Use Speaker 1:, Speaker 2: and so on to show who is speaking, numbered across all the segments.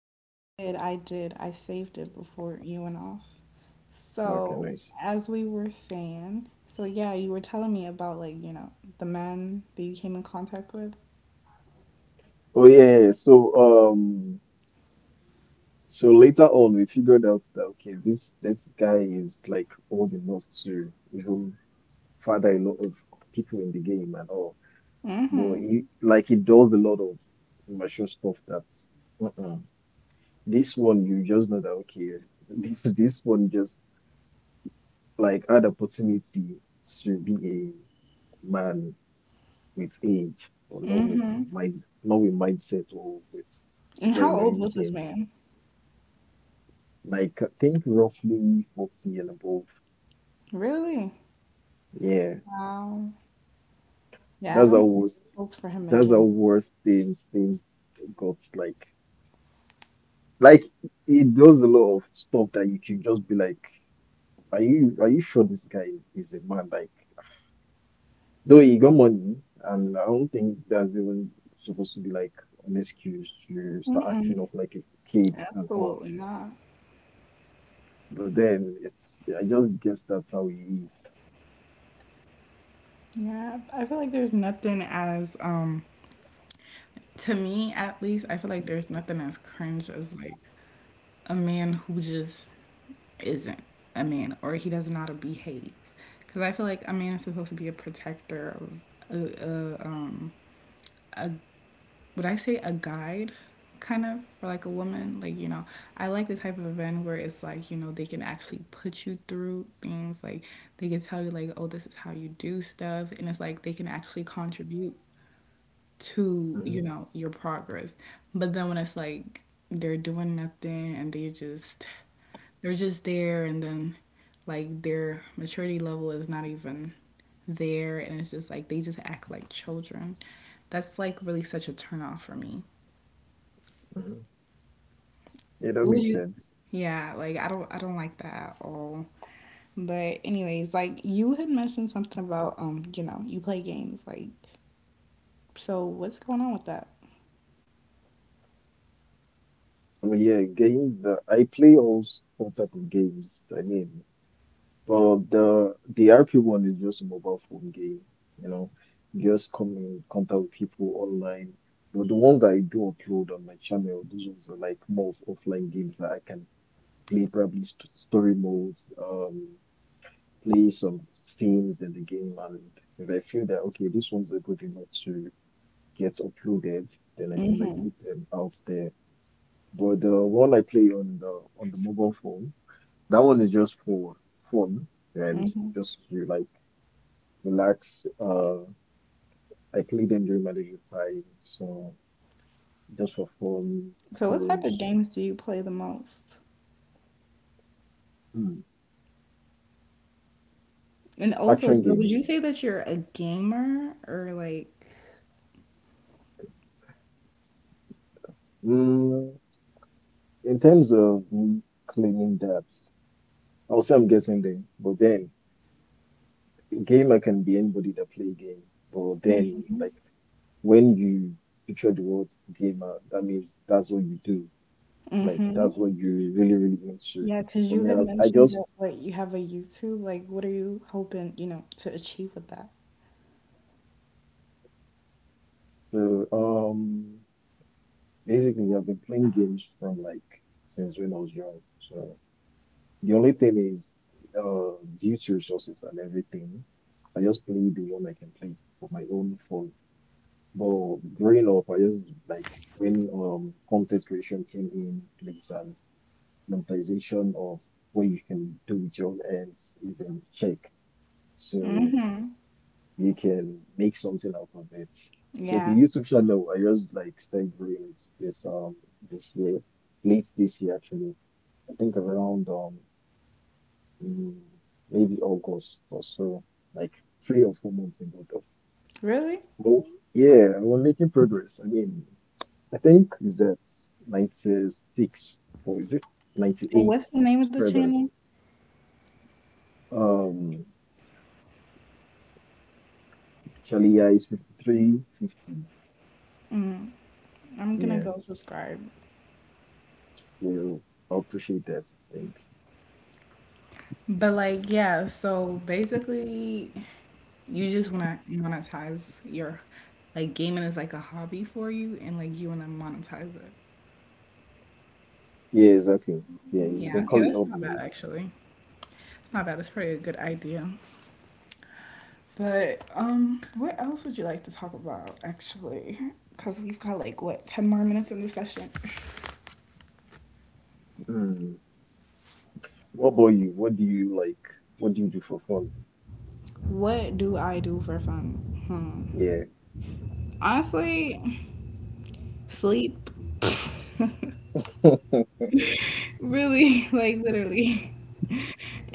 Speaker 1: Yeah, I did. I did. I saved it before you went off.
Speaker 2: Okay,
Speaker 1: So,
Speaker 2: nice.
Speaker 1: as we were saying, so yeah, you were telling me about the man that you came in contact with.
Speaker 2: Oh yeah, yeah. Um so later on we figured out that okay, this guy is like old enough to even father a lot of people in the game and all. But
Speaker 1: Mm-hmm.
Speaker 2: he does a lot of immature stuff that's uh-uh. This one you just know that okay, this one just like had opportunity to be a man with age or not with
Speaker 1: Mm-hmm.
Speaker 2: mind, not with mindset or with
Speaker 1: And how
Speaker 2: brain or
Speaker 1: old was this
Speaker 2: anything.
Speaker 1: man?
Speaker 2: Like I think roughly 40 and above.
Speaker 1: Really?
Speaker 2: Yeah,
Speaker 1: Wow. Yeah, I
Speaker 2: that's the
Speaker 1: don't think
Speaker 2: worst.
Speaker 1: there's hope for him
Speaker 2: That's the
Speaker 1: again.
Speaker 2: worst, things got like it does a lot of stuff that you can just be like, are you sure this guy is a man? Like though he got money, and I don't think that's even supposed to be like an excuse to start
Speaker 1: Mm-mm.
Speaker 2: acting up like a kid and all.
Speaker 1: Absolutely not.
Speaker 2: But then it's, I just guess that's how he is.
Speaker 1: Yeah, I feel like there's nothing as to me at least, I feel like there's nothing as cringe as like a man who just isn't a man or he doesn't know how to behave. Because I feel like a man is supposed to be a protector, a, a, um, a, would I say a guide? Kind of for like a woman, like I like the type of men where it's like, they can actually put you through things, like they can tell you like, oh, this is how you do stuff, and it's like they can actually contribute to, you
Speaker 2: hmm
Speaker 1: know, your progress. But then when it's like they're doing nothing and they just they're just there, and then like their maturity level is not even there, and it's just like they just act like children. That's like really such a turnoff for me.
Speaker 2: hmm Yeah, that
Speaker 1: What would
Speaker 2: makes
Speaker 1: you?
Speaker 2: sense.
Speaker 1: Yeah, like I don't like that at all. But anyways, like you had mentioned something about you know, you play games, like so what's going on with that?
Speaker 2: But yeah, games. I play all type of games. I mean, but the RP one is just a mobile phone game. You know, you just come in contact with people online. But the ones that I do upload on my channel, those ones are like more of offline games that I can play probably st story modes. Play some scenes in the game, and if I feel that okay, this one's are good enough to gets uploaded, then I can like
Speaker 1: Mm-hmm.
Speaker 2: put them out there. But the one I play on the mobile phone, that one is just for fun and
Speaker 1: Mm-hmm.
Speaker 2: just to like relax. I play them during my leisure time, so just for fun,
Speaker 1: So, what type
Speaker 2: cruise.
Speaker 1: of games do you play the most?
Speaker 2: Hmm.
Speaker 1: And also,
Speaker 2: Action
Speaker 1: so would you
Speaker 2: games.
Speaker 1: say that you're a gamer or like,
Speaker 2: Mm, in terms of me claiming that, I'll say I'm guessing there, but then a game I can be anybody that play a game, but then like when you picture the word gamer, that means that's what you do. Like
Speaker 1: mm-hmm.
Speaker 2: that's what you're really, really into.
Speaker 1: Yeah, because
Speaker 2: For me,
Speaker 1: you had
Speaker 2: I
Speaker 1: mentioned
Speaker 2: just
Speaker 1: that like you have a YouTube. Like, what are you hoping, you know, to achieve with that?
Speaker 2: uh, um basically I've been playing games from like since when I was young. So the only thing is due to resources and everything, I just play the one I can play for my own phone. But growing up, I just like when content creation came in place and monetization of what you can do with your own hands is in check. So
Speaker 1: Mm-hmm.
Speaker 2: you can make something out of it. So the
Speaker 1: Yeah.
Speaker 2: YouTube channel, I just like started growing it this year, late this year actually. I think around mm, maybe August or so, like 3 or 4 months ago though.
Speaker 1: Really?
Speaker 2: But yeah, we're making progress. I mean, I think is that 96 or is it
Speaker 1: And
Speaker 2: 98
Speaker 1: what's the name of the
Speaker 2: subscribers.
Speaker 1: channel?
Speaker 2: Um, Actually, yeah, it's 5350.
Speaker 1: I'm gonna
Speaker 2: Yeah,
Speaker 1: go subscribe.
Speaker 2: yeah, you I appreciate that. Thanks.
Speaker 1: But like, yeah, so basically you just wanna monetize your like gaming is like a hobby for you and like you wanna monetize it.
Speaker 2: Yeah, exactly. Yeah, you
Speaker 1: Yeah,
Speaker 2: can
Speaker 1: okay,
Speaker 2: call it
Speaker 1: that's not bad
Speaker 2: hobby.
Speaker 1: actually. It's not bad. It's probably a good idea. But what else would you like to talk about actually? Because we've got like what ten more minutes in the session.
Speaker 2: Mm. What about you? What do you like? What do you do for fun?
Speaker 1: What do I do for fun? Hmm.
Speaker 2: Yeah,
Speaker 1: Honestly, sleep. Really, like literally.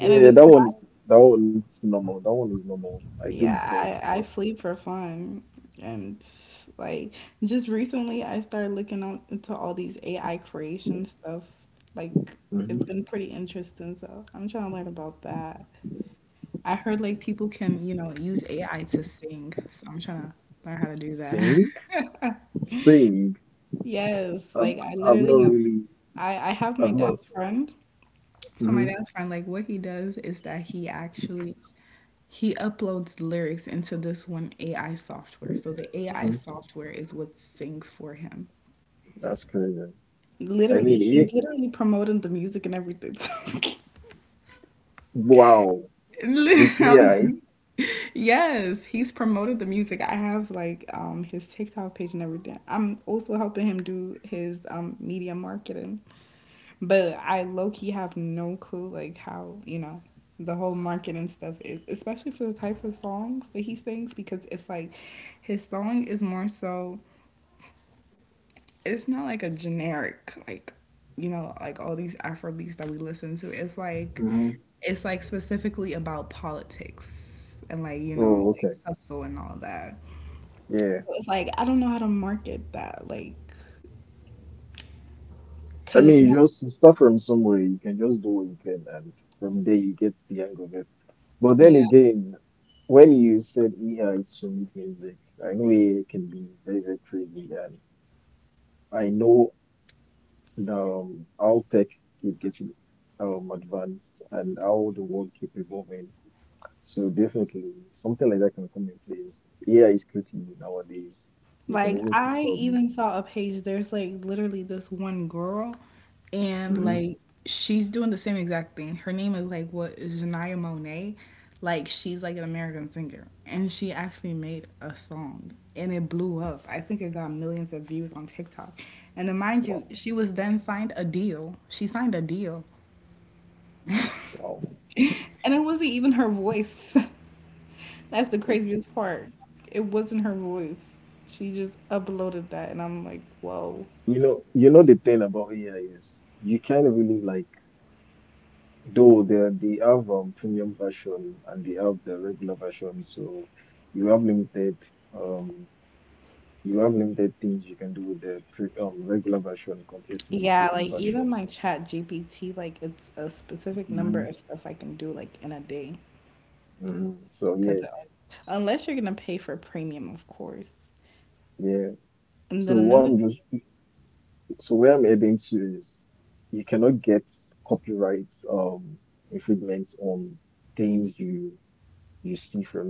Speaker 1: And if it's
Speaker 2: that one
Speaker 1: not
Speaker 2: is that one is normal. That one is normal. I do the
Speaker 1: yeah,
Speaker 2: same, but
Speaker 1: I sleep for fun. And like just recently I started looking on into all these AI creation stuff. Like it's
Speaker 2: hmm
Speaker 1: been pretty interesting, so I'm trying to learn about that. I heard like people can, you know, use AI to sing, so I'm trying to learn how to do that.
Speaker 2: sing, sing.
Speaker 1: Yes,
Speaker 2: I've
Speaker 1: like I
Speaker 2: I've not
Speaker 1: literally have
Speaker 2: really.
Speaker 1: I have my
Speaker 2: I've not.
Speaker 1: dad's friend. So my
Speaker 2: hmm
Speaker 1: dad's friend, like what he does is that he actually he uploads the lyrics into this one AI software. So the AI
Speaker 2: hmm
Speaker 1: software is what sings for him.
Speaker 2: That's crazy. I
Speaker 1: Literally,
Speaker 2: mean,
Speaker 1: he's
Speaker 2: it,
Speaker 1: literally promoting the music and everything.
Speaker 2: wow, with
Speaker 1: I'm
Speaker 2: AI.
Speaker 1: saying- yes, he's promoted the music. I have like his TikTok page and everything. I'm also helping him do his media marketing. But I low key have no clue like how, you know, the whole marketing stuff is, especially for the types of songs that he sings because it's like his song is more so it's not like a generic like you know like all these Afro beats that we listen to.
Speaker 2: hmm
Speaker 1: It's like specifically about politics and like you know
Speaker 2: Oh,
Speaker 1: like
Speaker 2: okay.
Speaker 1: hustle and all that.
Speaker 2: Yeah.
Speaker 1: So it's like I don't know how to market that like
Speaker 2: I
Speaker 1: because it's
Speaker 2: mean, you
Speaker 1: not.
Speaker 2: just start from somewhere. You can just do what you can, and from there you get the hang of it. But then
Speaker 1: Yeah.
Speaker 2: again, when you said AI to make music, I know it can be very, very crazy, and I know how tech keep getting advanced and how the world keep evolving. So definitely something like that can come in place. AI is pretty nowadays. You can
Speaker 1: Like
Speaker 2: even see
Speaker 1: I
Speaker 2: some.
Speaker 1: even saw a page. There's like literally this one girl, and
Speaker 2: hmm
Speaker 1: like she's doing the same exact thing. Her name is like what is Janaya Monet. Like she's like an American singer, and she actually made a song, and it blew up. I think it got millions of views on TikTok. And then mind you,
Speaker 2: Wow,
Speaker 1: she was then signed a deal. She signed a deal,
Speaker 2: wow.
Speaker 1: and it wasn't even her voice. That's the craziest part. It wasn't her voice. She just uploaded that, and I'm like, whoa.
Speaker 2: You know the thing about AI is you kind of really like though. They have premium version and they have the regular version, so you have limited um you have limited things you can do with the pre regular version compared to the
Speaker 1: Yeah,
Speaker 2: premium
Speaker 1: like even
Speaker 2: version.
Speaker 1: like Chat GPT, like it's a specific number
Speaker 2: hmm
Speaker 1: of stuff I can do like in a day.
Speaker 2: So yeah,
Speaker 1: Cause unless you're gonna pay for premium, of course.
Speaker 2: yeah.
Speaker 1: And
Speaker 2: So
Speaker 1: then
Speaker 2: what
Speaker 1: another
Speaker 2: I'm just so where I'm heading to is you cannot get copyright infringements on things you see from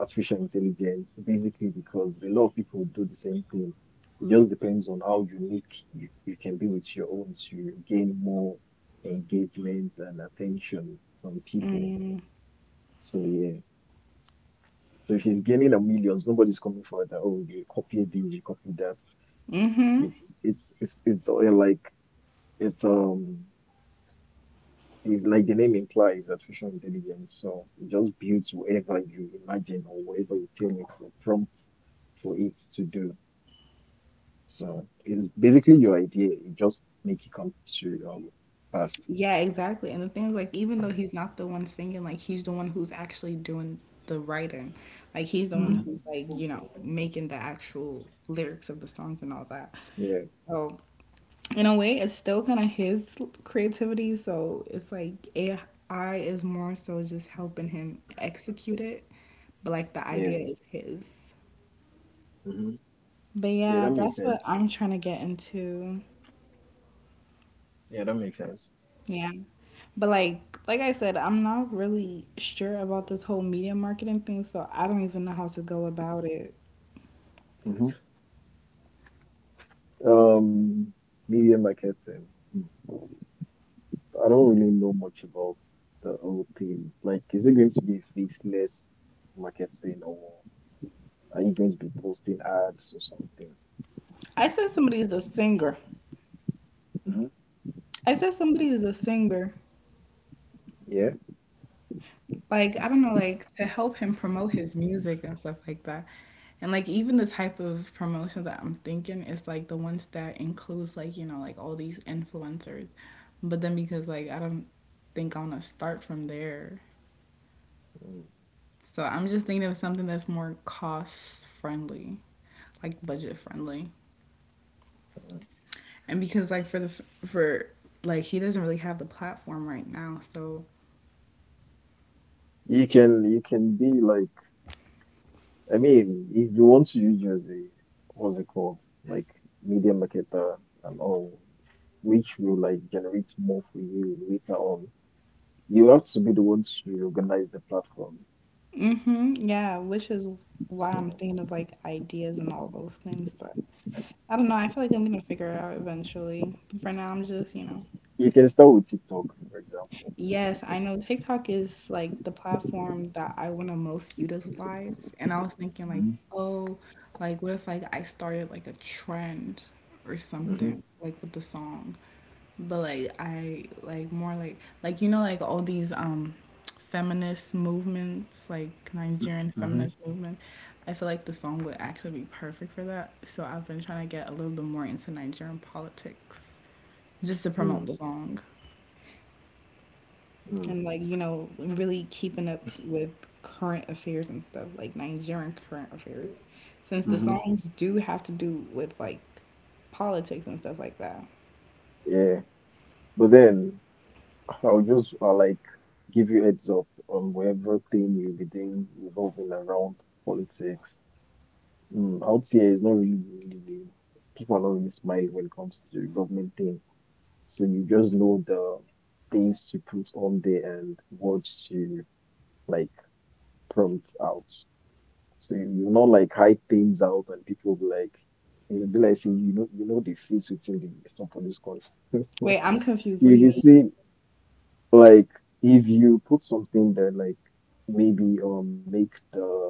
Speaker 2: artificial intelligence, basically because a lot of people would do the same thing. It just depends on how unique you can be with your own to gain more engagement and attention from people. So yeah. So if he's gaining a millions, nobody's coming for that. Oh, you copy this, you copy that. It's it's all like it's um It, like the name implies, artificial intelligence. So it just builds whatever you imagine or whatever you tell it or prompt for it to do. So it's basically your idea. It just make it come to past.
Speaker 1: yeah, exactly. And the thing is, like, even though he's not the one singing, like, he's the one who's actually doing the writing. Like, he's the one
Speaker 2: Mhm.
Speaker 1: who's, like, you know, making the actual lyrics of the songs and all that.
Speaker 2: Yeah,
Speaker 1: So, in a way, it's still kind of his creativity. So, it's like AI is more so just helping him execute it. But, like, the idea
Speaker 2: yeah,
Speaker 1: is his.
Speaker 2: hmm
Speaker 1: But
Speaker 2: yeah.
Speaker 1: yeah,
Speaker 2: That makes
Speaker 1: that's what
Speaker 2: sense.
Speaker 1: I'm trying to get into.
Speaker 2: Yeah, that makes sense.
Speaker 1: Yeah. But like I said, I'm not really sure about this whole media marketing thing, so I don't even know how to go about it.
Speaker 2: hmm Um, media marketing. Mm. I don't really know much about the whole thing. Like, is it going to be faceless marketing, or are you going to be posting ads or something?
Speaker 1: I said somebody is a singer.
Speaker 2: hmm
Speaker 1: I said somebody is a singer.
Speaker 2: Yeah.
Speaker 1: Like, I don't know, like to help him promote his music and stuff like that. And like even the type of promotion that I'm thinking is like the ones that includes like, you know, like all these influencers. But then because like I don't think I wanna start from there.
Speaker 2: mm
Speaker 1: So I'm just thinking of something that's more cost friendly, like budget friendly.
Speaker 2: mm.
Speaker 1: And because like for like he doesn't really have the platform right now, so
Speaker 2: You can be like, I mean, if you want to use you as a what's it called? Like media marketer and all, which will like generate more for you later on. You have to be the one to organize the platform.
Speaker 1: hmm. Yeah, which is why I'm
Speaker 2: So
Speaker 1: thinking of like ideas and all those things. But I don't know. I feel like I'm gonna figure it out eventually. But for now, I'm just, you know,
Speaker 2: you can start with TikTok, for example.
Speaker 1: yes, I know TikTok is like the platform that I want to most utilize. And I was thinking like, oh, like what if like I started like a trend or
Speaker 2: Mhm,
Speaker 1: something like with the song. But like I like more like you know like all these feminist movements, like Nigerian
Speaker 2: mhm,
Speaker 1: feminist movement. I feel like the song would actually be perfect for that. So I've been trying to get a little bit more into Nigerian politics just to promote
Speaker 2: mm,
Speaker 1: the song,
Speaker 2: mm,
Speaker 1: and like you know really keeping up with current affairs and stuff like Nigerian current affairs since the
Speaker 2: mhm.
Speaker 1: songs do have to do with like politics and stuff like that.
Speaker 2: Yeah. But then I'll just like give you heads up on whatever thing you'll be doing revolving around politics. Mm, out here is not really, really, really, people are not really smart when it comes to government thing. So you just know the things to put on there and what to like prompt out. So you not like hide things out and people will be like, it'll be like saying, you know the face within the somebody's course.
Speaker 1: Wait, I'm confused. What do
Speaker 2: You
Speaker 1: you
Speaker 2: can
Speaker 1: mean?
Speaker 2: see like if you put something that like maybe make the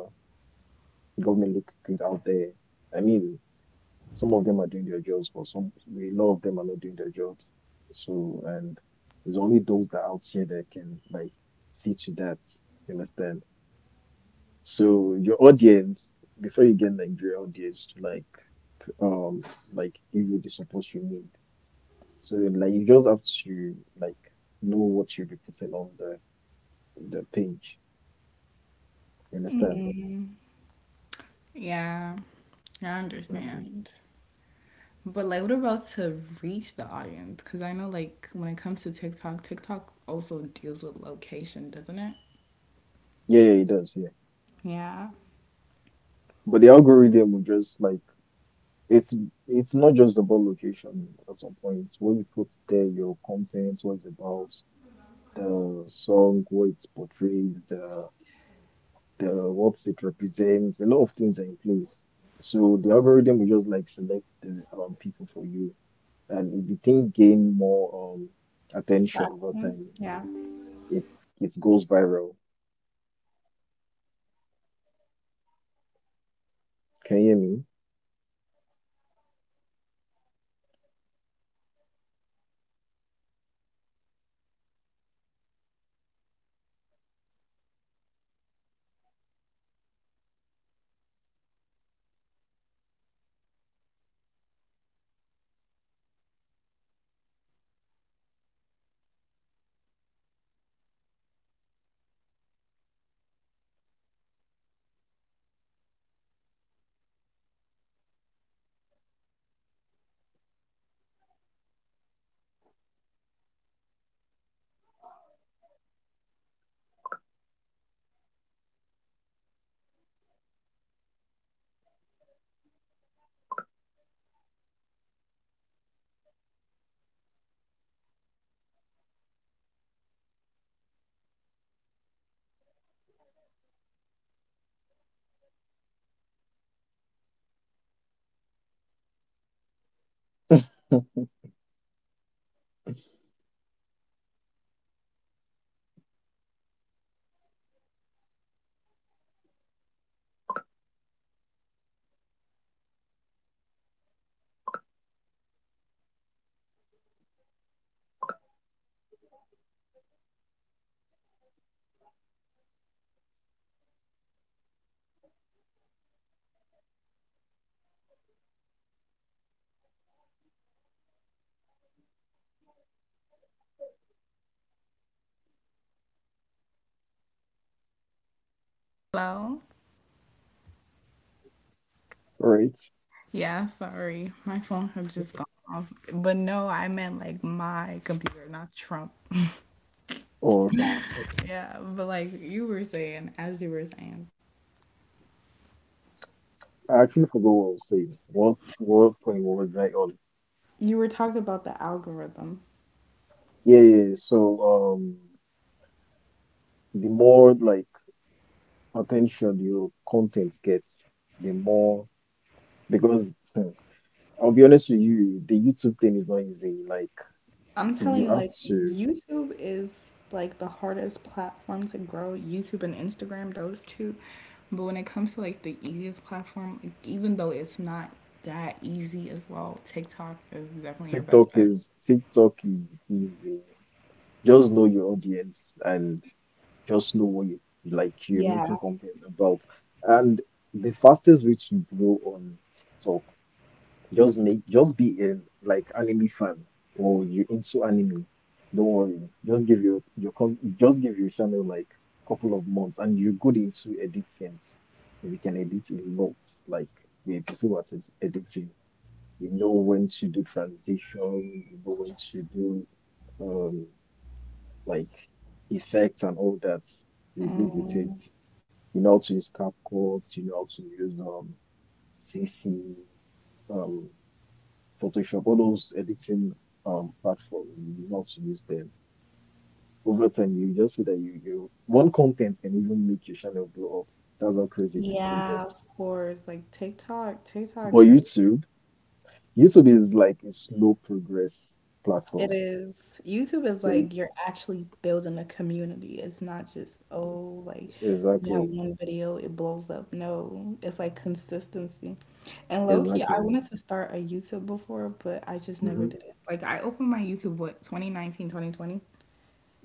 Speaker 2: government look good out there. I mean. Some of them are doing their jobs, but some a lot of them are not doing their jobs. So and it's only those that are out here that can like see to that. You understand? So your audience, before you get like your audience to um like give you the support you need. So like you just have to like know what you'll be putting on the page. You understand?
Speaker 1: Mm, yeah, I
Speaker 2: Mhm.
Speaker 1: understand. But like, what about to reach the audience? Because I know like when it comes to TikTok, TikTok also deals with location, doesn't it?
Speaker 2: Yeah, yeah, it does. Yeah,
Speaker 1: Yeah.
Speaker 2: but the algorithm will just like, It's it's not just about location at some point. When you put there your content, what it's about, the song, what it portrays, the what it represents, a lot of things are in place. So the algorithm will just like select the people for you, and if the thing gain more attention over
Speaker 1: Tracking.
Speaker 2: time,
Speaker 1: Yeah.
Speaker 2: it's it goes viral. Can you hear me?
Speaker 1: Hello?
Speaker 2: Right?
Speaker 1: Yeah, sorry. My phone had just gone off. But no, I meant like my computer, not Trump.
Speaker 2: Oh, okay.
Speaker 1: Yeah, but like you were saying, as you were saying,
Speaker 2: I actually forgot what I was saying. What point was I on?
Speaker 1: you were talking about the algorithm.
Speaker 2: Yeah, yeah, yeah. So, the more like attention your content gets, the more. Because I'll be honest with you, the YouTube thing is not easy. Like
Speaker 1: I'm telling
Speaker 2: you
Speaker 1: you,
Speaker 2: have
Speaker 1: like,
Speaker 2: to.
Speaker 1: YouTube is like the hardest platform to grow. YouTube and Instagram, those two. But when it comes to like the easiest platform, like, even though it's not that easy as well, TikTok is definitely your best
Speaker 2: TikTok
Speaker 1: bet.
Speaker 2: is, TikTok is easy. Just know your audience and just know what you like you're making
Speaker 1: Yeah.
Speaker 2: content about. And the fastest way to grow on TikTok, just make, just be in like anime fan or you into anime. Don't worry. Just give your just give your channel like couple of months and you're good into editing. If you can edit a lot, like you're good at editing. You know when to do transition, you know when to do um like effects and all that. You're good with it. You know how to use CapCut, you know how to use CC, Photoshop, all those editing platforms, you know to use them. Over time, you just see that you one content can even make your channel blow up. That's how crazy TikTok
Speaker 1: Yeah,
Speaker 2: gets.
Speaker 1: of course. Like TikTok, TikTok
Speaker 2: But
Speaker 1: can,
Speaker 2: YouTube, YouTube is like a slow progress platform.
Speaker 1: it is, YouTube is
Speaker 2: So it-
Speaker 1: like you're actually building a community. It's not just, oh, like you have
Speaker 2: exactly,
Speaker 1: one video, it blows up. No, it's like consistency. And low key, I
Speaker 2: exactly.
Speaker 1: wanted to start a YouTube before, but I just never
Speaker 2: Mm-hmm,
Speaker 1: did it. Like I opened my YouTube, what, 2019, 2020?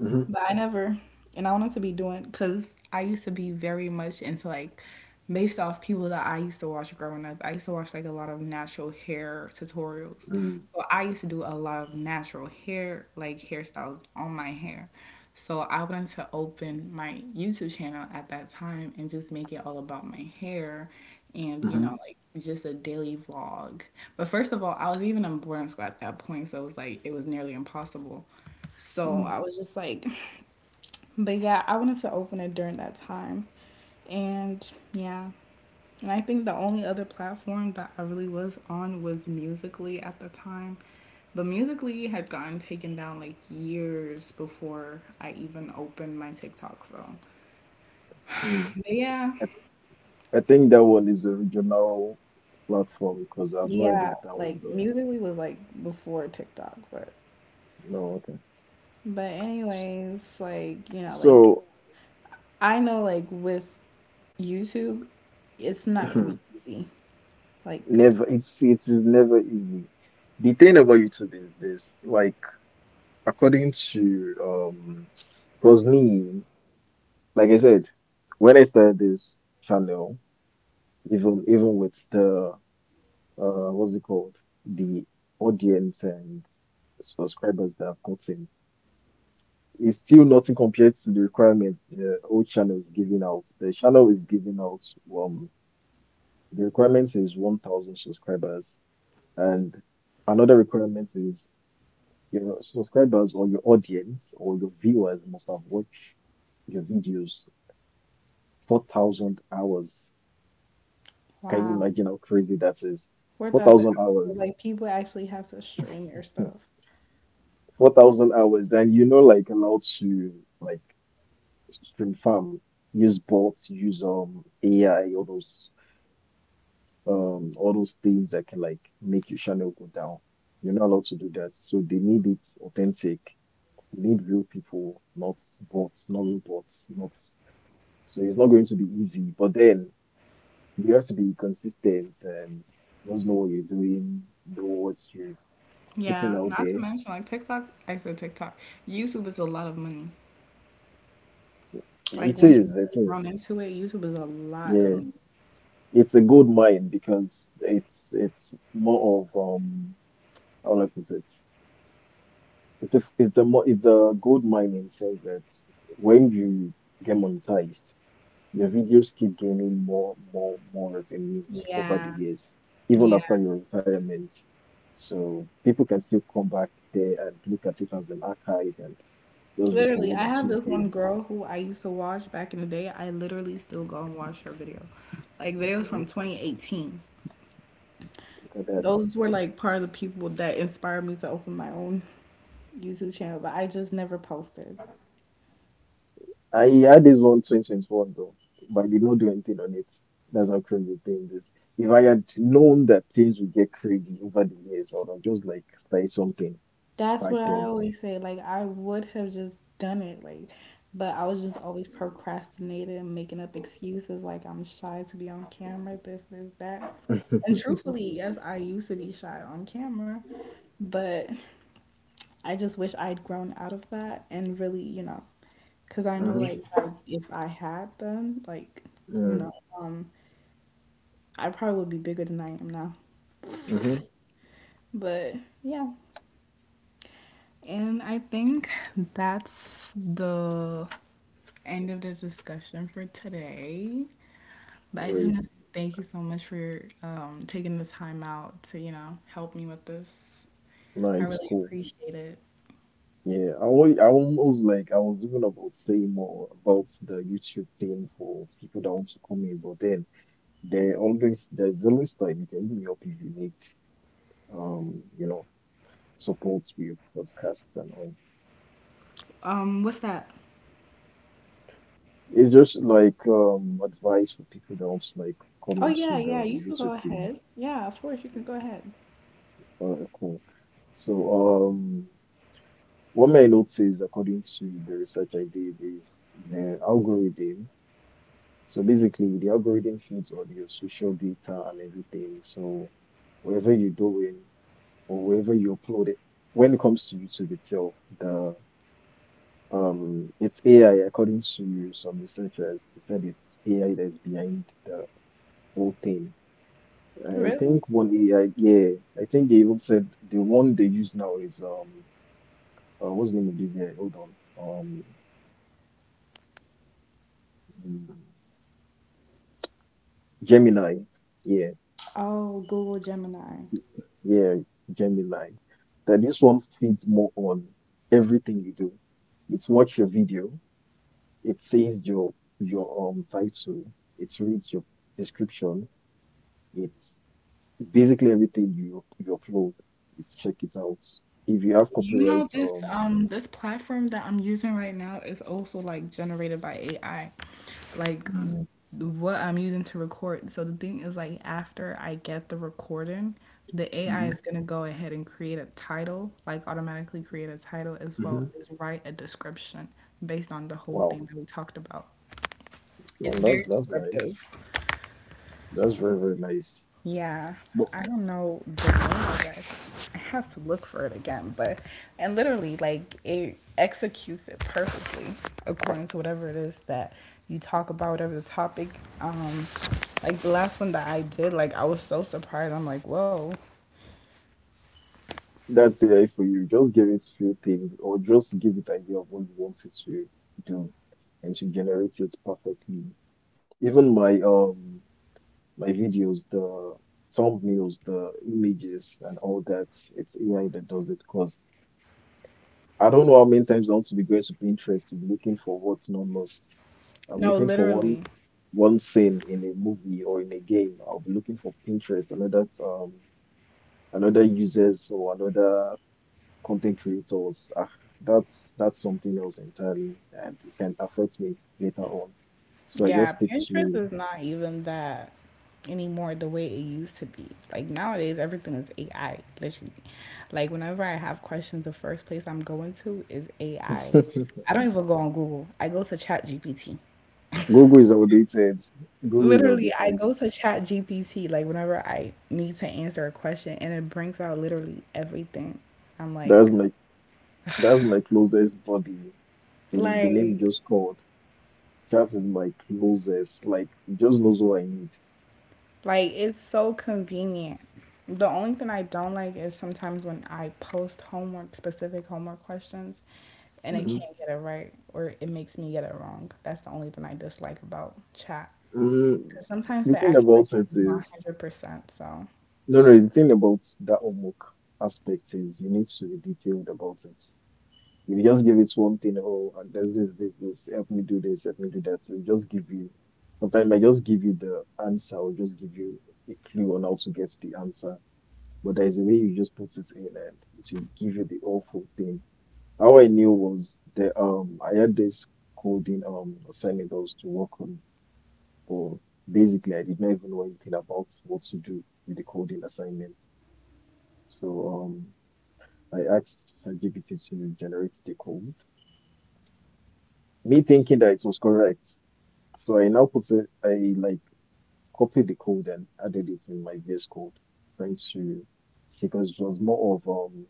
Speaker 2: mm-hmm,
Speaker 1: But I never, and I wanted to be doing because I used to be very much into like based off people that I used to watch growing up. I used to watch like a lot of natural hair tutorials.
Speaker 2: mm-hmm,
Speaker 1: So I used to do a lot of natural hair, like hairstyles on my hair. So I wanted to open my YouTube channel at that time and just make it all about my hair and you
Speaker 2: mm-hmm.
Speaker 1: know like just a daily vlog. But first of all, I was even in boarding school at that point, so it was like it was nearly impossible. So
Speaker 2: Mm,
Speaker 1: I was just like, but yeah, I wanted to open it during that time. And yeah, and I think the only other platform that I really was on was Musically at the time. But Musically had gotten taken down like years before I even opened my TikTok. So,
Speaker 2: mm.
Speaker 1: but yeah,
Speaker 2: I, I think that one is the original platform because I've not heard
Speaker 1: yeah,
Speaker 2: of that
Speaker 1: like
Speaker 2: one though.
Speaker 1: Musically was like before TikTok,
Speaker 2: No, okay.
Speaker 1: but
Speaker 2: S-
Speaker 1: anyways, like you know, like
Speaker 2: So.
Speaker 1: I know like with YouTube, it's not gonna be easy. Like
Speaker 2: Never, it's it is never easy. The thing about YouTube is this, like according to cause me, like I said, when I started this channel, even with the what's it called, the audience and subscribers that I've gotten, it's still nothing compared to the requirements the old channel is giving out. The channel is giving out um, the requirements is 1,000 subscribers and another requirement is your subscribers or your audience or your viewers must have watched your videos 4,000 hours. Can you
Speaker 1: wow,
Speaker 2: imagine how crazy that is?
Speaker 1: 4,000
Speaker 2: 4,000
Speaker 1: episodes.
Speaker 2: hours.
Speaker 1: Like people actually have to stream your stuff.
Speaker 2: 4,000 hours. Then you're not like allowed to like stream farm, use bots, use AI, all those things that can like make your channel go down. You're not allowed to do that. So they need it authentic. You need real people, not bots, not robots, not. So it's not going to be easy, but then you have to be consistent and just know what you're doing, know what you're putting
Speaker 1: Yeah,
Speaker 2: out
Speaker 1: not
Speaker 2: there.
Speaker 1: to mention like TikTok, I said TikTok. YouTube is a lot of money. Like
Speaker 2: It
Speaker 1: once you
Speaker 2: is, it
Speaker 1: really
Speaker 2: is.
Speaker 1: grown into it, YouTube is a lot of
Speaker 2: Yeah.
Speaker 1: money.
Speaker 2: It's a gold mine because it's more of how do I put it? It's a gold mine in the sense that when you get monetized, your videos keep gaining more, more, more revenue over the
Speaker 1: Yeah,
Speaker 2: years, even
Speaker 1: yeah.
Speaker 2: after your retirement. So people can still come back there and look at it as an archive and just look for
Speaker 1: Literally,
Speaker 2: one
Speaker 1: I
Speaker 2: or
Speaker 1: have
Speaker 2: two
Speaker 1: this one
Speaker 2: things.
Speaker 1: girl who I used to watch back in the day. I literally still go and watch her video. Like videos from
Speaker 2: Mhm.
Speaker 1: 2018.
Speaker 2: Look at that.
Speaker 1: Those were like part of the people that inspired me to open my own YouTube channel, but I just never posted.
Speaker 2: I had this one, 2021, though, but I did not do anything on it. That's how crazy things is. If I had known that things would get crazy over the years, I would have just like started something
Speaker 1: That's
Speaker 2: back
Speaker 1: what I
Speaker 2: then.
Speaker 1: always say. Like I would have just done it, like, but I was just always procrastinating and making up excuses, like I'm shy to be on camera, this, that. And truthfully, yes, I used to be shy on camera, but I just wish I'd grown out of that and really, because I know like
Speaker 2: Mm-hmm.
Speaker 1: I, if I had done, like, you know, um, I probably would be bigger than I am now.
Speaker 2: Mm-hmm.
Speaker 1: But yeah. And I think that's the end of the discussion for today. But
Speaker 2: All
Speaker 1: I just
Speaker 2: right.
Speaker 1: want to say thank you so much for taking the time out to, you know, help me with this. I
Speaker 2: Nice,
Speaker 1: really
Speaker 2: cool.
Speaker 1: appreciate it.
Speaker 2: Yeah, I almost like I was even about saying more about the YouTube thing for people that want to come in, but then there's always time. You can hit me up if you need um you know support with your podcast and all.
Speaker 1: What's that?
Speaker 2: It's just like advice for people that want to like come
Speaker 1: Oh yeah,
Speaker 2: into
Speaker 1: yeah,
Speaker 2: the
Speaker 1: you could go
Speaker 2: YouTube thing.
Speaker 1: ahead. Yeah, of course you can go ahead.
Speaker 2: Cool. So um what my I notice according to the research I did is the algorithm. So basically, the algorithm feeds all your social data and everything. So whatever you're doing or wherever you upload it, when it comes to YouTube itself, the it's AI, according to some researchers. They said it's AI that's behind the whole thing. I
Speaker 1: Really?
Speaker 2: think one AI, yeah, I think they even said the one they use now is what's the name of this AI? Hold on, mm, Gemini. Yeah.
Speaker 1: Oh, Google Gemini.
Speaker 2: Yeah, Gemini. That this one feeds more on everything you do. It's watch your video. It says your your title. It reads your description. It's basically everything you upload. It's check it out. If you have
Speaker 1: You know
Speaker 2: copyright,
Speaker 1: this um this platform that I'm using right now is also like generated by AI. Like what I'm using to record. So the thing is like after I get the recording, the AI
Speaker 2: Mm-hmm.
Speaker 1: is gonna go ahead and create a title, like automatically create a title as
Speaker 2: Mm-hmm.
Speaker 1: well as write a description based on the whole
Speaker 2: Wow,
Speaker 1: thing that we talked about. It's
Speaker 2: well, that's
Speaker 1: very
Speaker 2: nice.
Speaker 1: descriptive.
Speaker 2: That's very very nice.
Speaker 1: Yeah,
Speaker 2: But.
Speaker 1: I don't know the name of it. I have to look for it again, but and literally like it executes it perfectly according to whatever it is that you talk about, whatever the topic. Um, like the last one that I did, like I was so surprised. I'm like, whoa.
Speaker 2: That's AI for you. Just give it few things or just give it idea of what you want it to do and to generate it perfectly. Even my my videos, the thumbnails, the images and all that, it's AI that does it because I don't know how many times I want to be going to Pinterest to be looking for what's not lost.
Speaker 1: No,
Speaker 2: I'm looking for
Speaker 1: literally.
Speaker 2: one scene in a movie or in a game. I'll be looking for Pinterest, another another users or another content creators, ah, that's something else entirely, and it can affect me later on. So I just
Speaker 1: Yeah,
Speaker 2: stick
Speaker 1: Pinterest
Speaker 2: to
Speaker 1: is not even that anymore the way it used to be. Like nowadays, everything is AI, literally. Like whenever I have questions, the first place I'm going to is AI. I I don't even go on Google. I go to Chat GPT.
Speaker 2: Google is outdated. Google is
Speaker 1: Literally, I
Speaker 2: outdated.
Speaker 1: go to Chat GPT. Like whenever I need to answer a question, and it brings out literally everything. I'm
Speaker 2: That's my that's my closest buddy. The name you
Speaker 1: like
Speaker 2: just called. That is my closest. Like it just knows what I need.
Speaker 1: Like it's so convenient. The only thing I don't like is sometimes when I post homework, specific homework questions, and it
Speaker 2: hmm
Speaker 1: can't get it right or it makes me get it wrong. That's the only thing I dislike about chat.
Speaker 2: mm
Speaker 1: Because sometimes
Speaker 2: The
Speaker 1: the
Speaker 2: thing about
Speaker 1: accuracy
Speaker 2: it
Speaker 1: is not
Speaker 2: is
Speaker 1: 100%. So,
Speaker 2: no, no. The thing about that homework aspect is you need to be detailed about it. You just give it one thing, oh, and there's this, this, this, help me do this, help me do that. So it just give you, sometimes I just give you the answer or just give you a clue on how to get the answer. But there's a way you just put it in and it will give you the awful thing. How I knew was the I had this coding assignment I was to work on, but basically I did not even know anything about what to do with the coding assignment. So I asked ChatGPT to generate the code, me thinking that it was correct. So I now put it, I like copy the code and added it in my VS Code, trying to see because it was more of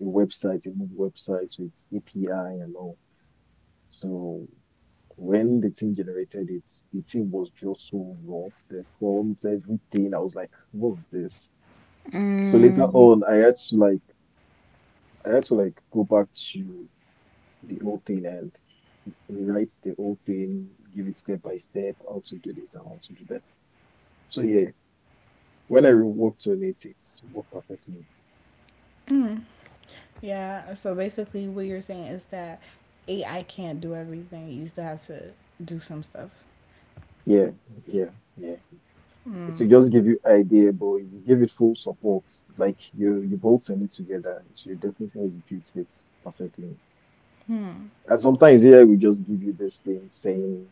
Speaker 2: a website, a move website with API and all. So when the team generated it, the team was just so rough. The forms, everything. I was like, what's this? So later on, I had to like go back to the whole thing and write the whole thing, give it step by step, how to do this and how to do that. So yeah, whenever you worked on it, it's worked perfectly.
Speaker 1: yeah. So basically, what you're saying is that AI can't do everything. You still have to do some stuff.
Speaker 2: Yeah, yeah, yeah. It will just give you idea, but if you give it full support, like you both send it together, it will definitely execute it perfectly. And sometimes here we just give you this thing saying,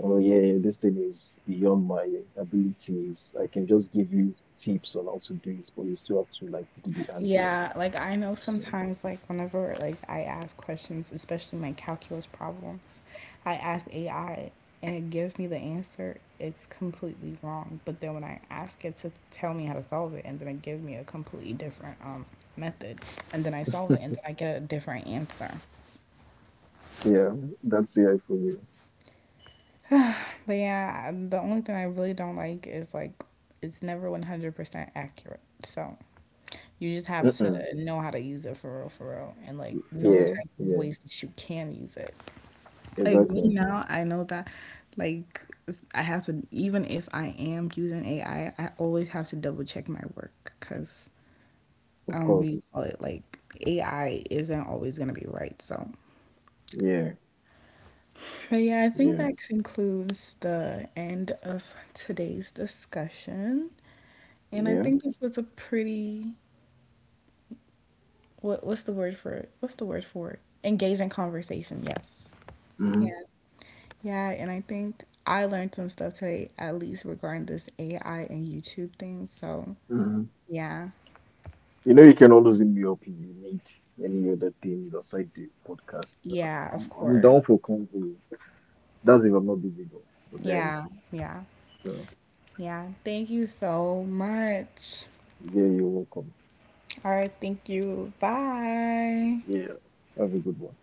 Speaker 2: oh yeah, this thing is beyond my abilities. I can just give you tips on how to do it, but you still have to like do the hand job.
Speaker 1: Yeah, like I know
Speaker 2: So,
Speaker 1: sometimes like whenever like I ask questions, especially my calculus problems, I ask AI and it gives me the answer. It's completely wrong. But then when I ask it to tell me how to solve it and then it gives me a completely different method, and then I solve it and then I get a different answer.
Speaker 2: yeah, that's AI for you.
Speaker 1: But yeah, the only thing I really don't like is like it's never 100% accurate. So you just have to
Speaker 2: Mm-mm.
Speaker 1: know how to use it for real, and like know the
Speaker 2: Yeah,
Speaker 1: type of
Speaker 2: yeah,
Speaker 1: ways that you can use it. Like me
Speaker 2: exactly.
Speaker 1: now, I know that like I have to, even if I am using AI, I always have to double check my work because
Speaker 2: Of
Speaker 1: what do
Speaker 2: course.
Speaker 1: you call it? Like AI isn't always gonna be right. So
Speaker 2: Yeah,
Speaker 1: but yeah, I think
Speaker 2: yeah,
Speaker 1: that concludes the end of today's discussion. And I
Speaker 2: yeah.
Speaker 1: think this was a pretty what what's the word for it? What's the word for it? Engaging conversation, yes.
Speaker 2: hmm
Speaker 1: Yeah. Yeah, and I think I learned some stuff today, at least regarding this AI and YouTube thing. So
Speaker 2: hmm
Speaker 1: yeah.
Speaker 2: You know, you can always hit me up if you need any other things aside the podcast.
Speaker 1: Yeah, of
Speaker 2: I'm
Speaker 1: course.
Speaker 2: down for convo. That's if I'm not busy though. But then,
Speaker 1: Yeah, yeah,
Speaker 2: uh,
Speaker 1: yeah. Thank you so much.
Speaker 2: yeah, you're welcome.
Speaker 1: All right, thank you. Bye.
Speaker 2: Yeah, have a good one.